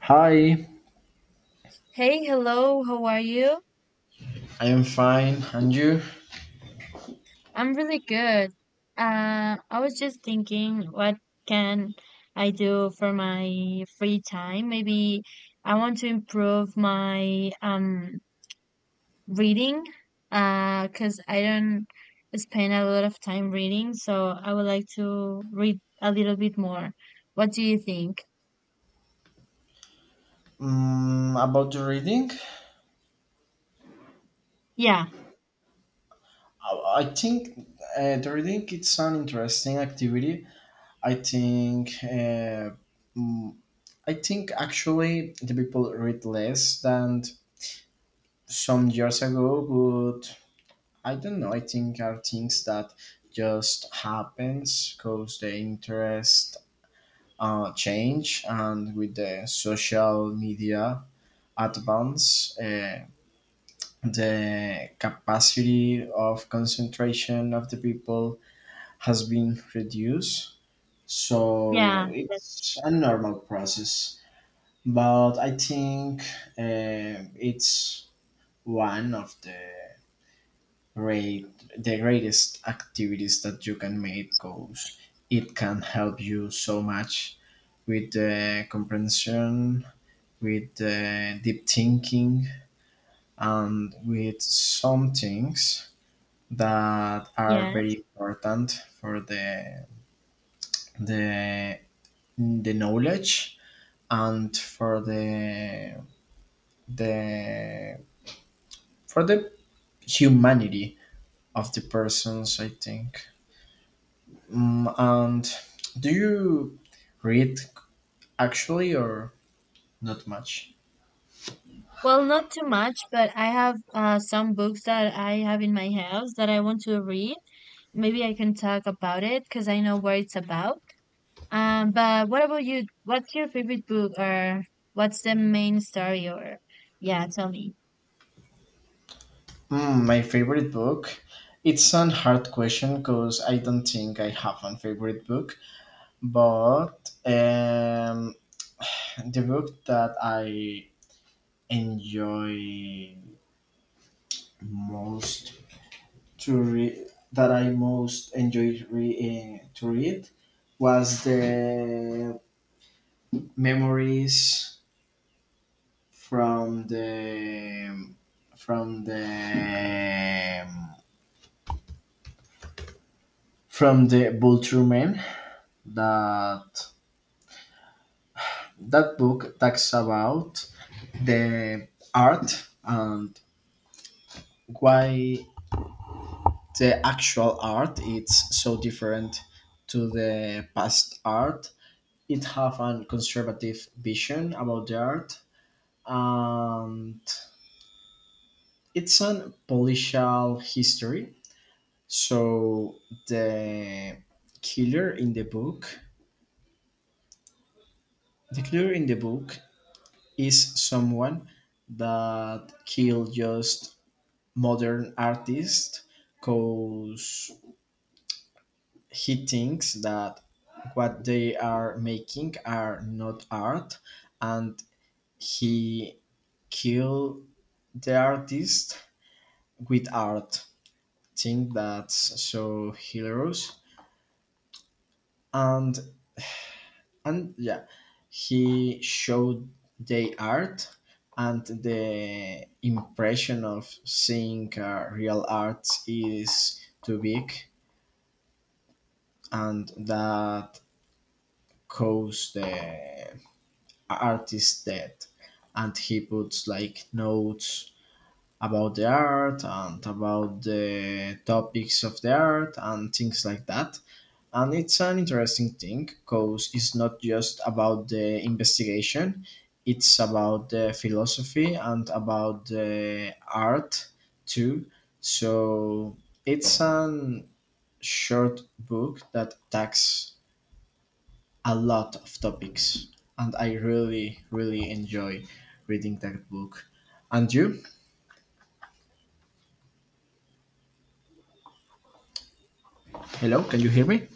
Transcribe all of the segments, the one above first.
Hi, Hey, hello, how are you? I am fine, and you? I'm really good. I was just thinking, what can I do for my free time? Maybe I want to improve my reading, 'cause I don't spend a lot of time reading, so I would like to read a little bit more. What do you think? Mm, about the reading, Yeah, I think the reading it's an interesting activity. I think mm, I think actually the people read less than some years ago, but I don't know. I think are things that just happens because the interest change and with the social media advance. The capacity of concentration of the people has been reduced. yeah, So that's it's a normal process. But I think it's one of the great, the greatest activities that you can make because it can help you so much with the comprehension, with the deep thinking, and with some things that are very yes. important for the the knowledge and for the for the humanity of the persons I think. Mm, and do you read actually or not much? Well, not too much, but I have some books that I have in my house that I want to read. Maybe I can talk about it because I know what it's about. But what about you? What's your favorite book, or what's the main story? Or yeah, tell me. Mm, my favorite book it's an hard question because I don't think I have a favorite book, but the book that I enjoy most to read, that I most enjoyed to read, was the memories from the from the Vulture Man. That that book talks about the art and why the actual art it's so different to the past art. It have a conservative vision about the art, and it's an political history. So the killer in the book the killer in the book is someone that killed just modern artists because he thinks that what they are making are not art, and he kill the artist with art. Think that's so hilarious. and and yeah, he showed the art, and the impression of seeing real art is too big, and that caused the artist dead. And he puts like notes about the art and about the topics of the art and things like that. And it's an interesting thing because it's not just about the investigation, it's about the philosophy and about the art too. So it's an short book that attacks a lot of topics, and I really, really enjoy reading that book. And you? Hello, can you hear me?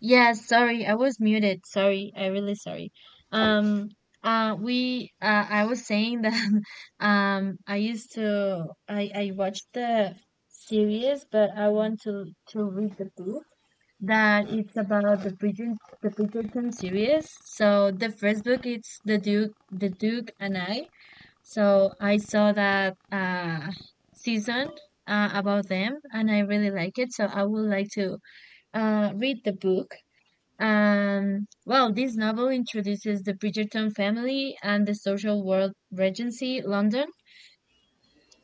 Yeah, sorry, I was muted. Sorry, I really sorry. Um, we I was saying that I used to I watched the series, but I want to read the book. That it's about the Bridgerton series. So the first book it's the Duke and I. So I saw that season about them, and I really like it. So I would like to read the book. Well, this novel introduces the Bridgerton family and the social world regency, London.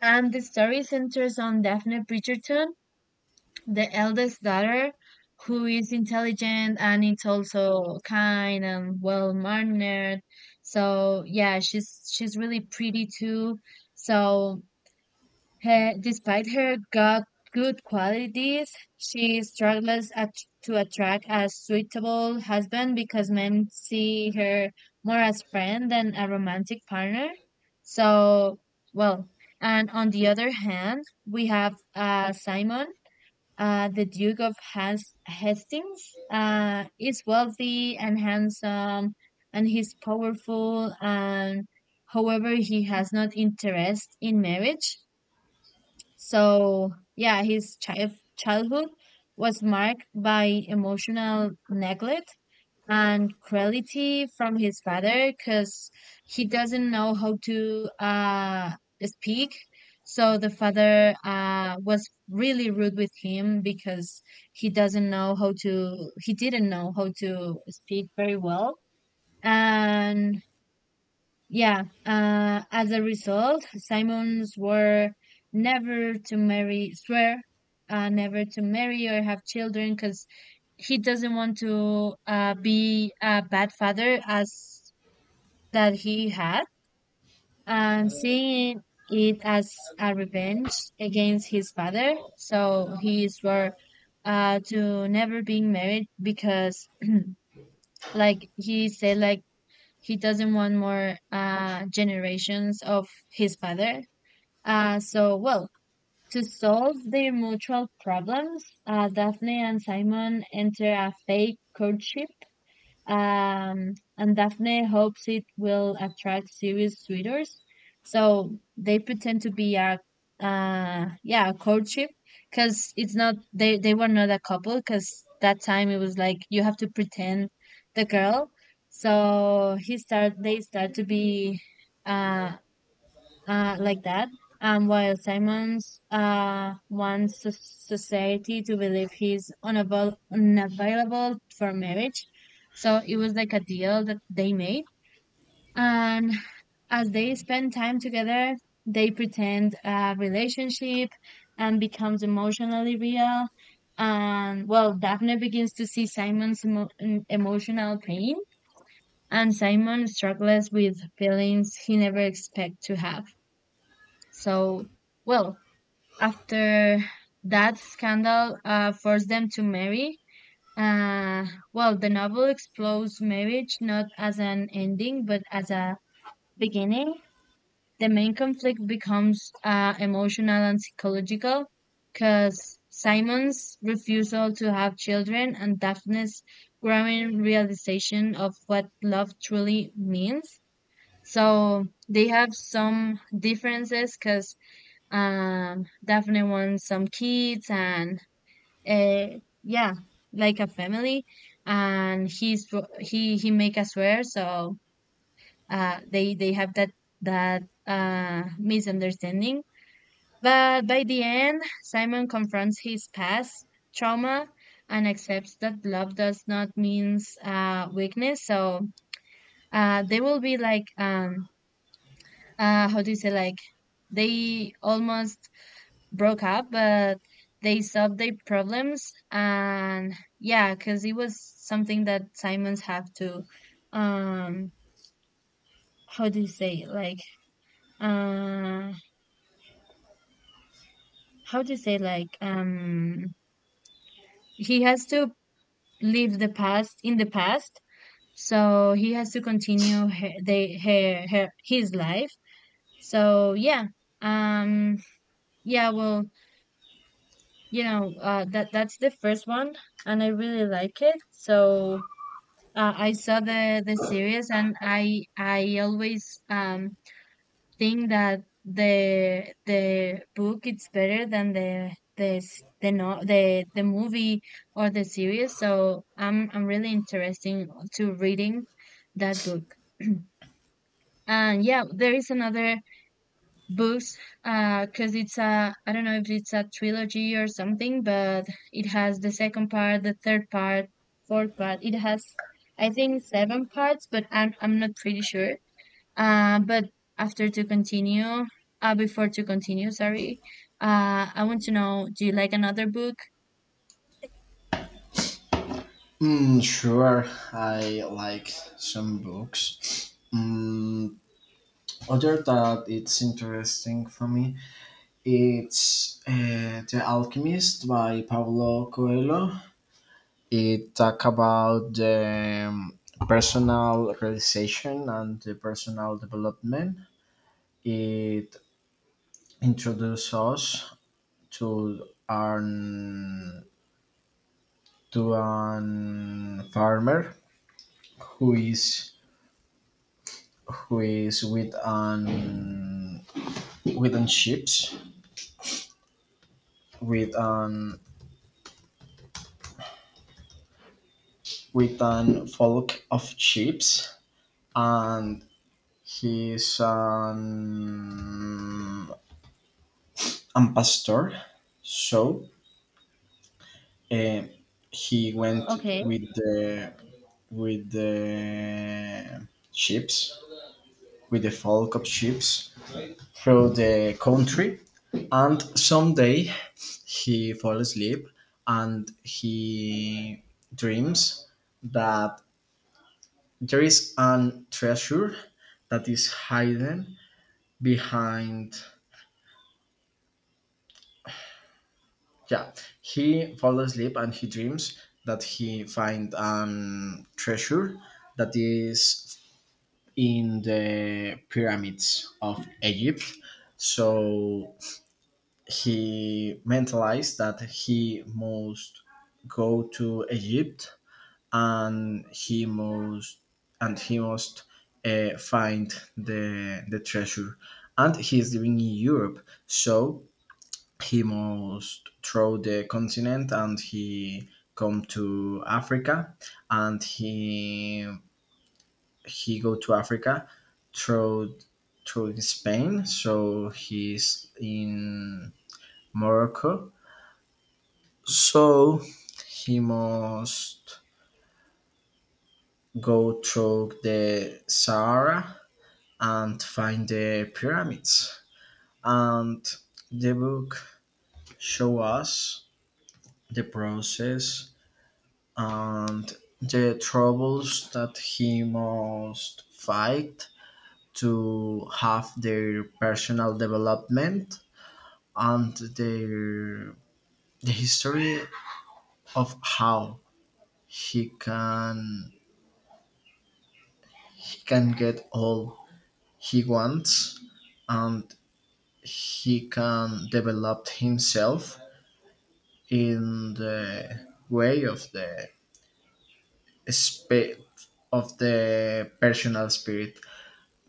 And the story centers on Daphne Bridgerton, the eldest daughter, who is intelligent and it's also kind and well mannered, so yeah, she's really pretty too. So he, despite her got good qualities, she struggles to attract a suitable husband because men see her more as friend than a romantic partner. So, well, and on the other hand, we have Simon, the Duke of Hastings, is wealthy and handsome, and he's powerful. And however, he has not interest in marriage. So yeah, his childhood was marked by emotional neglect and cruelty from his father, because he doesn't know how to speak. So the father was really rude with him because he didn't know how to speak very well. And yeah, as a result, Simons were never to marry, swear, never to marry or have children because he doesn't want to be a bad father as that he had, and seeing it as a revenge against his father. So he swore to never being married because, like he said, like, he doesn't want more generations of his father. So, well, to solve their mutual problems, Daphne and Simon enter a fake courtship, and Daphne hopes it will attract serious suitors. So they pretend to be a courtship, because it's not, they were not a couple, because that time it was like you have to pretend the girl. So they start to be, uh, like that. While Simons wants society to believe he's unavailable for marriage, so it was like a deal that they made. And as they spend time together, they pretend a relationship and becomes emotionally real. And well, Daphne begins to see Simon's emotional pain, and Simon struggles with feelings he never expect to have. So, well, after that scandal forced them to marry. Uh, well, the novel explores marriage not as an ending, but as a beginning. The main conflict becomes emotional and psychological because Simon's refusal to have children and Daphne's growing realization of what love truly means. So they have some differences because, definitely want some kids and, uh, yeah, like a family. And he's fr- he make us swear, so they have that that misunderstanding. But by the end, Simon confronts his past trauma and accepts that love does not means weakness. So they will be like, how do you say, like, they almost broke up, but they solved their problems. And yeah, because it was something that um, how do you say, like, uh, how do you say, like, he has to leave the past in the past. So he has to continue her, they, her, her, his life. So yeah, um, yeah, well, that that's the first one, and I really like it. So, I saw the series, and I always think that the book is better than the s- the no the the movie or the series. So I'm really interested to reading that book. And yeah, there is another books, cause it's a I don't know if it's a trilogy or something, but it has the second part, the third part, fourth part. It has, I think, seven parts, but I'm not pretty sure. But after to continue, before to continue, sorry, I want to know, do you like another book? Mm, sure, I like some books. Mm, other that it's interesting for me, it's The Alchemist by Paulo Coelho. It talk about the personal realization and the personal development. It introduces us to an to an farmer who is who is with an ships with an with an flock of ships, and he's an pastor. So uh, he went Okay. with with the ships the flock of ships through the country. And someday he falls asleep and he dreams that there is an treasure that is hidden behind. Yeah, he falls asleep and he dreams that he find an treasure that is in the pyramids of Egypt. So he mentalized that he must go to Egypt and he must find the treasure. And he is living in Europe, so he must throw the continent and he come to Africa, and he go to Africa through Spain, so he's in Morocco. So he must go through the Sahara and find the pyramids. And the book show us the process and the troubles that he must fight to have their personal development and the history of how he can he can get all he wants, and he can develop himself in the way of the spa of the personal spirit.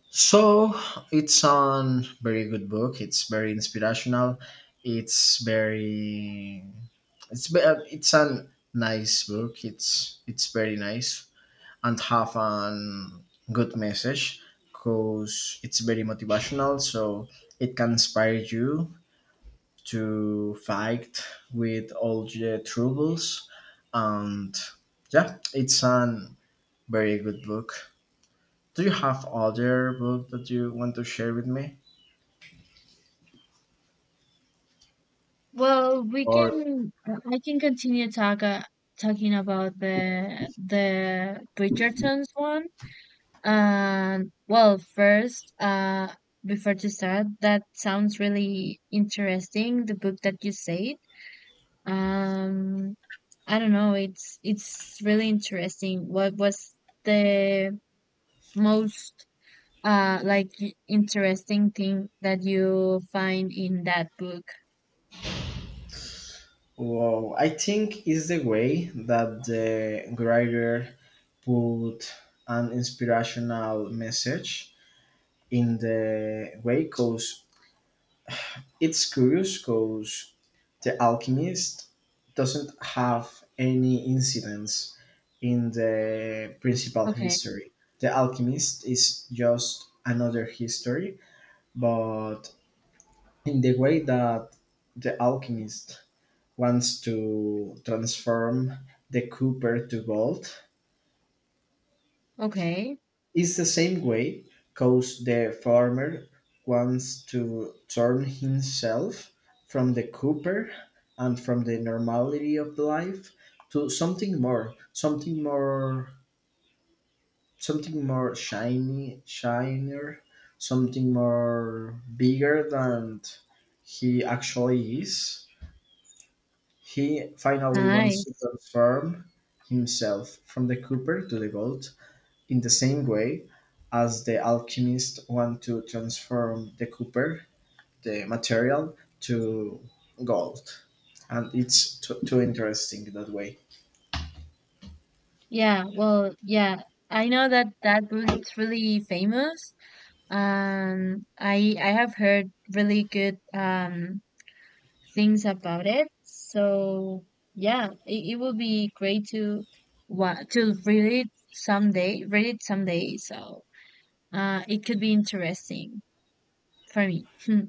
So it's a very good book, it's very inspirational. It's very, it's a nice book, it's very nice, and have an good message because it's very motivational. So it can inspire you to fight with all the troubles. And yeah, it's a very good book. Do you have other book that you want to share with me? Well, we Or can I can continue talking about the Bridgerton's one. Well, first, before to start, that sounds really interesting. The book that you said, um, I don't know, it's really interesting. What was the most like, interesting thing that you find in that book? well, I think is the way that the writer put an inspirational message in the way because it's curious because The Alchemist doesn't have any incidents in the principal Okay, history. The Alchemist is just another history, but in the way that the alchemist wants to transform the copper to gold, okay, it's the same way, cause the farmer wants to turn himself from the cooper and from the normality of life to something more shiny, shinier, something more bigger than he actually is. He finally wants to nice. transform himself from the cooper to the gold in the same way as the alchemists want to transform the copper, the material, to gold. And it's too, too interesting that way. Yeah, well, yeah, I know that that book is really famous. I have heard really good things about it. So yeah, it will be great to wa to read it someday. Read it someday. So it could be interesting for me. Hmm.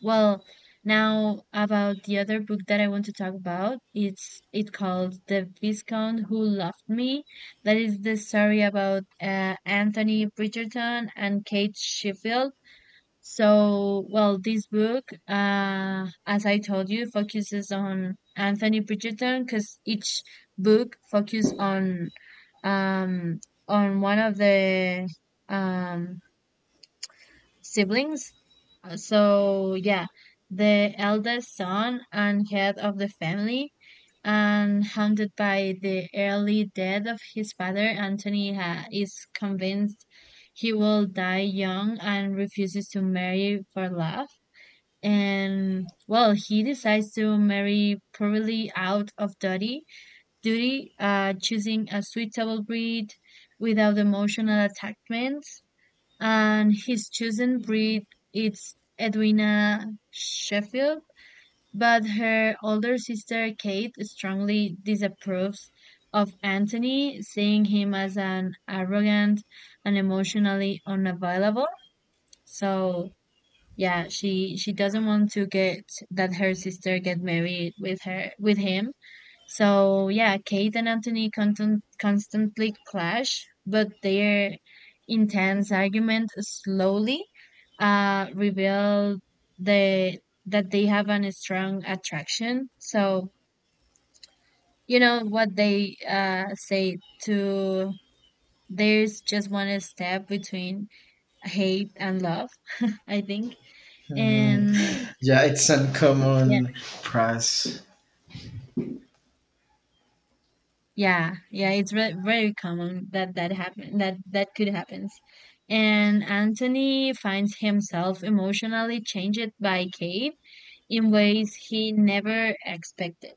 Well, now about the other book that I want to talk about. It called The Viscount Who Loved Me. That is the story about Anthony Bridgerton and Kate Sheffield. So, well, this book, as I told you, focuses on Anthony Bridgerton because each book focuses um on one of the um siblings. So, yeah, the eldest son and head of the family, and haunted by the early death of his father, Anthony ha is convinced he will die young and refuses to marry for love. And well, he decides to marry poorly out of duty, choosing a suitable breed without emotional attachments. And his chosen breed is Edwina Sheffield, but her older sister Kate strongly disapproves of Anthony, seeing him as an arrogant and emotionally unavailable. So yeah, she doesn't want to get that her sister get married with her, with him. So yeah, Kate and Anthony constantly clash, but their intense argument slowly reveal the that they have a strong attraction. So you know what they say, to there's just one step between hate and love, I think. Hmm. And Yeah, it's uncommon price. yeah, yeah, it's re very common that that happen, that that could happen. And Anthony finds himself emotionally changed by Kate in ways he never expected.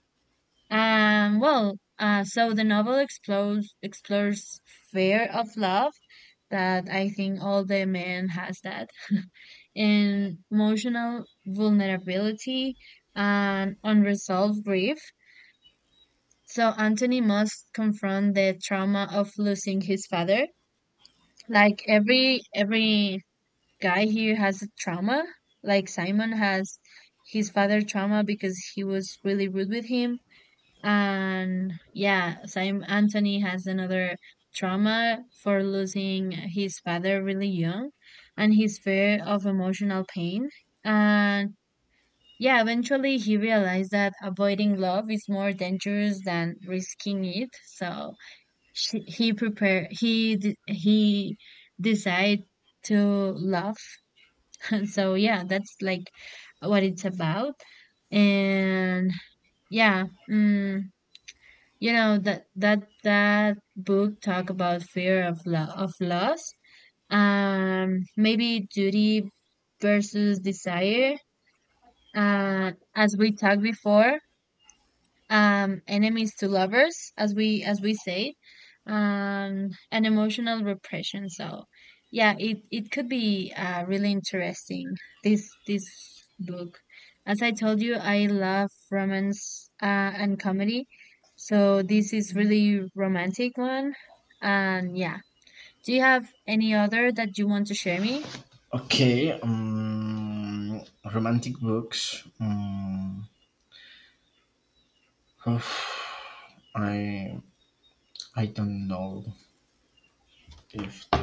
Well, so the novel explores fear of love, that I think all the men has that, and emotional vulnerability and unresolved grief, so Anthony must confront the trauma of losing his father. Like every guy here has a trauma. Like Simon has his father trauma because he was really rude with him. And yeah, Simon Anthony has another trauma for losing his father really young, and his fear of emotional pain. And yeah, eventually he realized that avoiding love is more dangerous than risking it. So she, he prepare he de- he decide to love and so yeah, that's like what it's about. And yeah, mm, you know that that that book talk about fear of loss, maybe duty versus desire, as we talked before, enemies to lovers, as we say, and emotional repression. So yeah, it could be really interesting, this book. As I told you, I love romance and comedy, so this is really romantic one. And yeah, do you have any other that you want to share me? Okay, romantic books. I I don't know if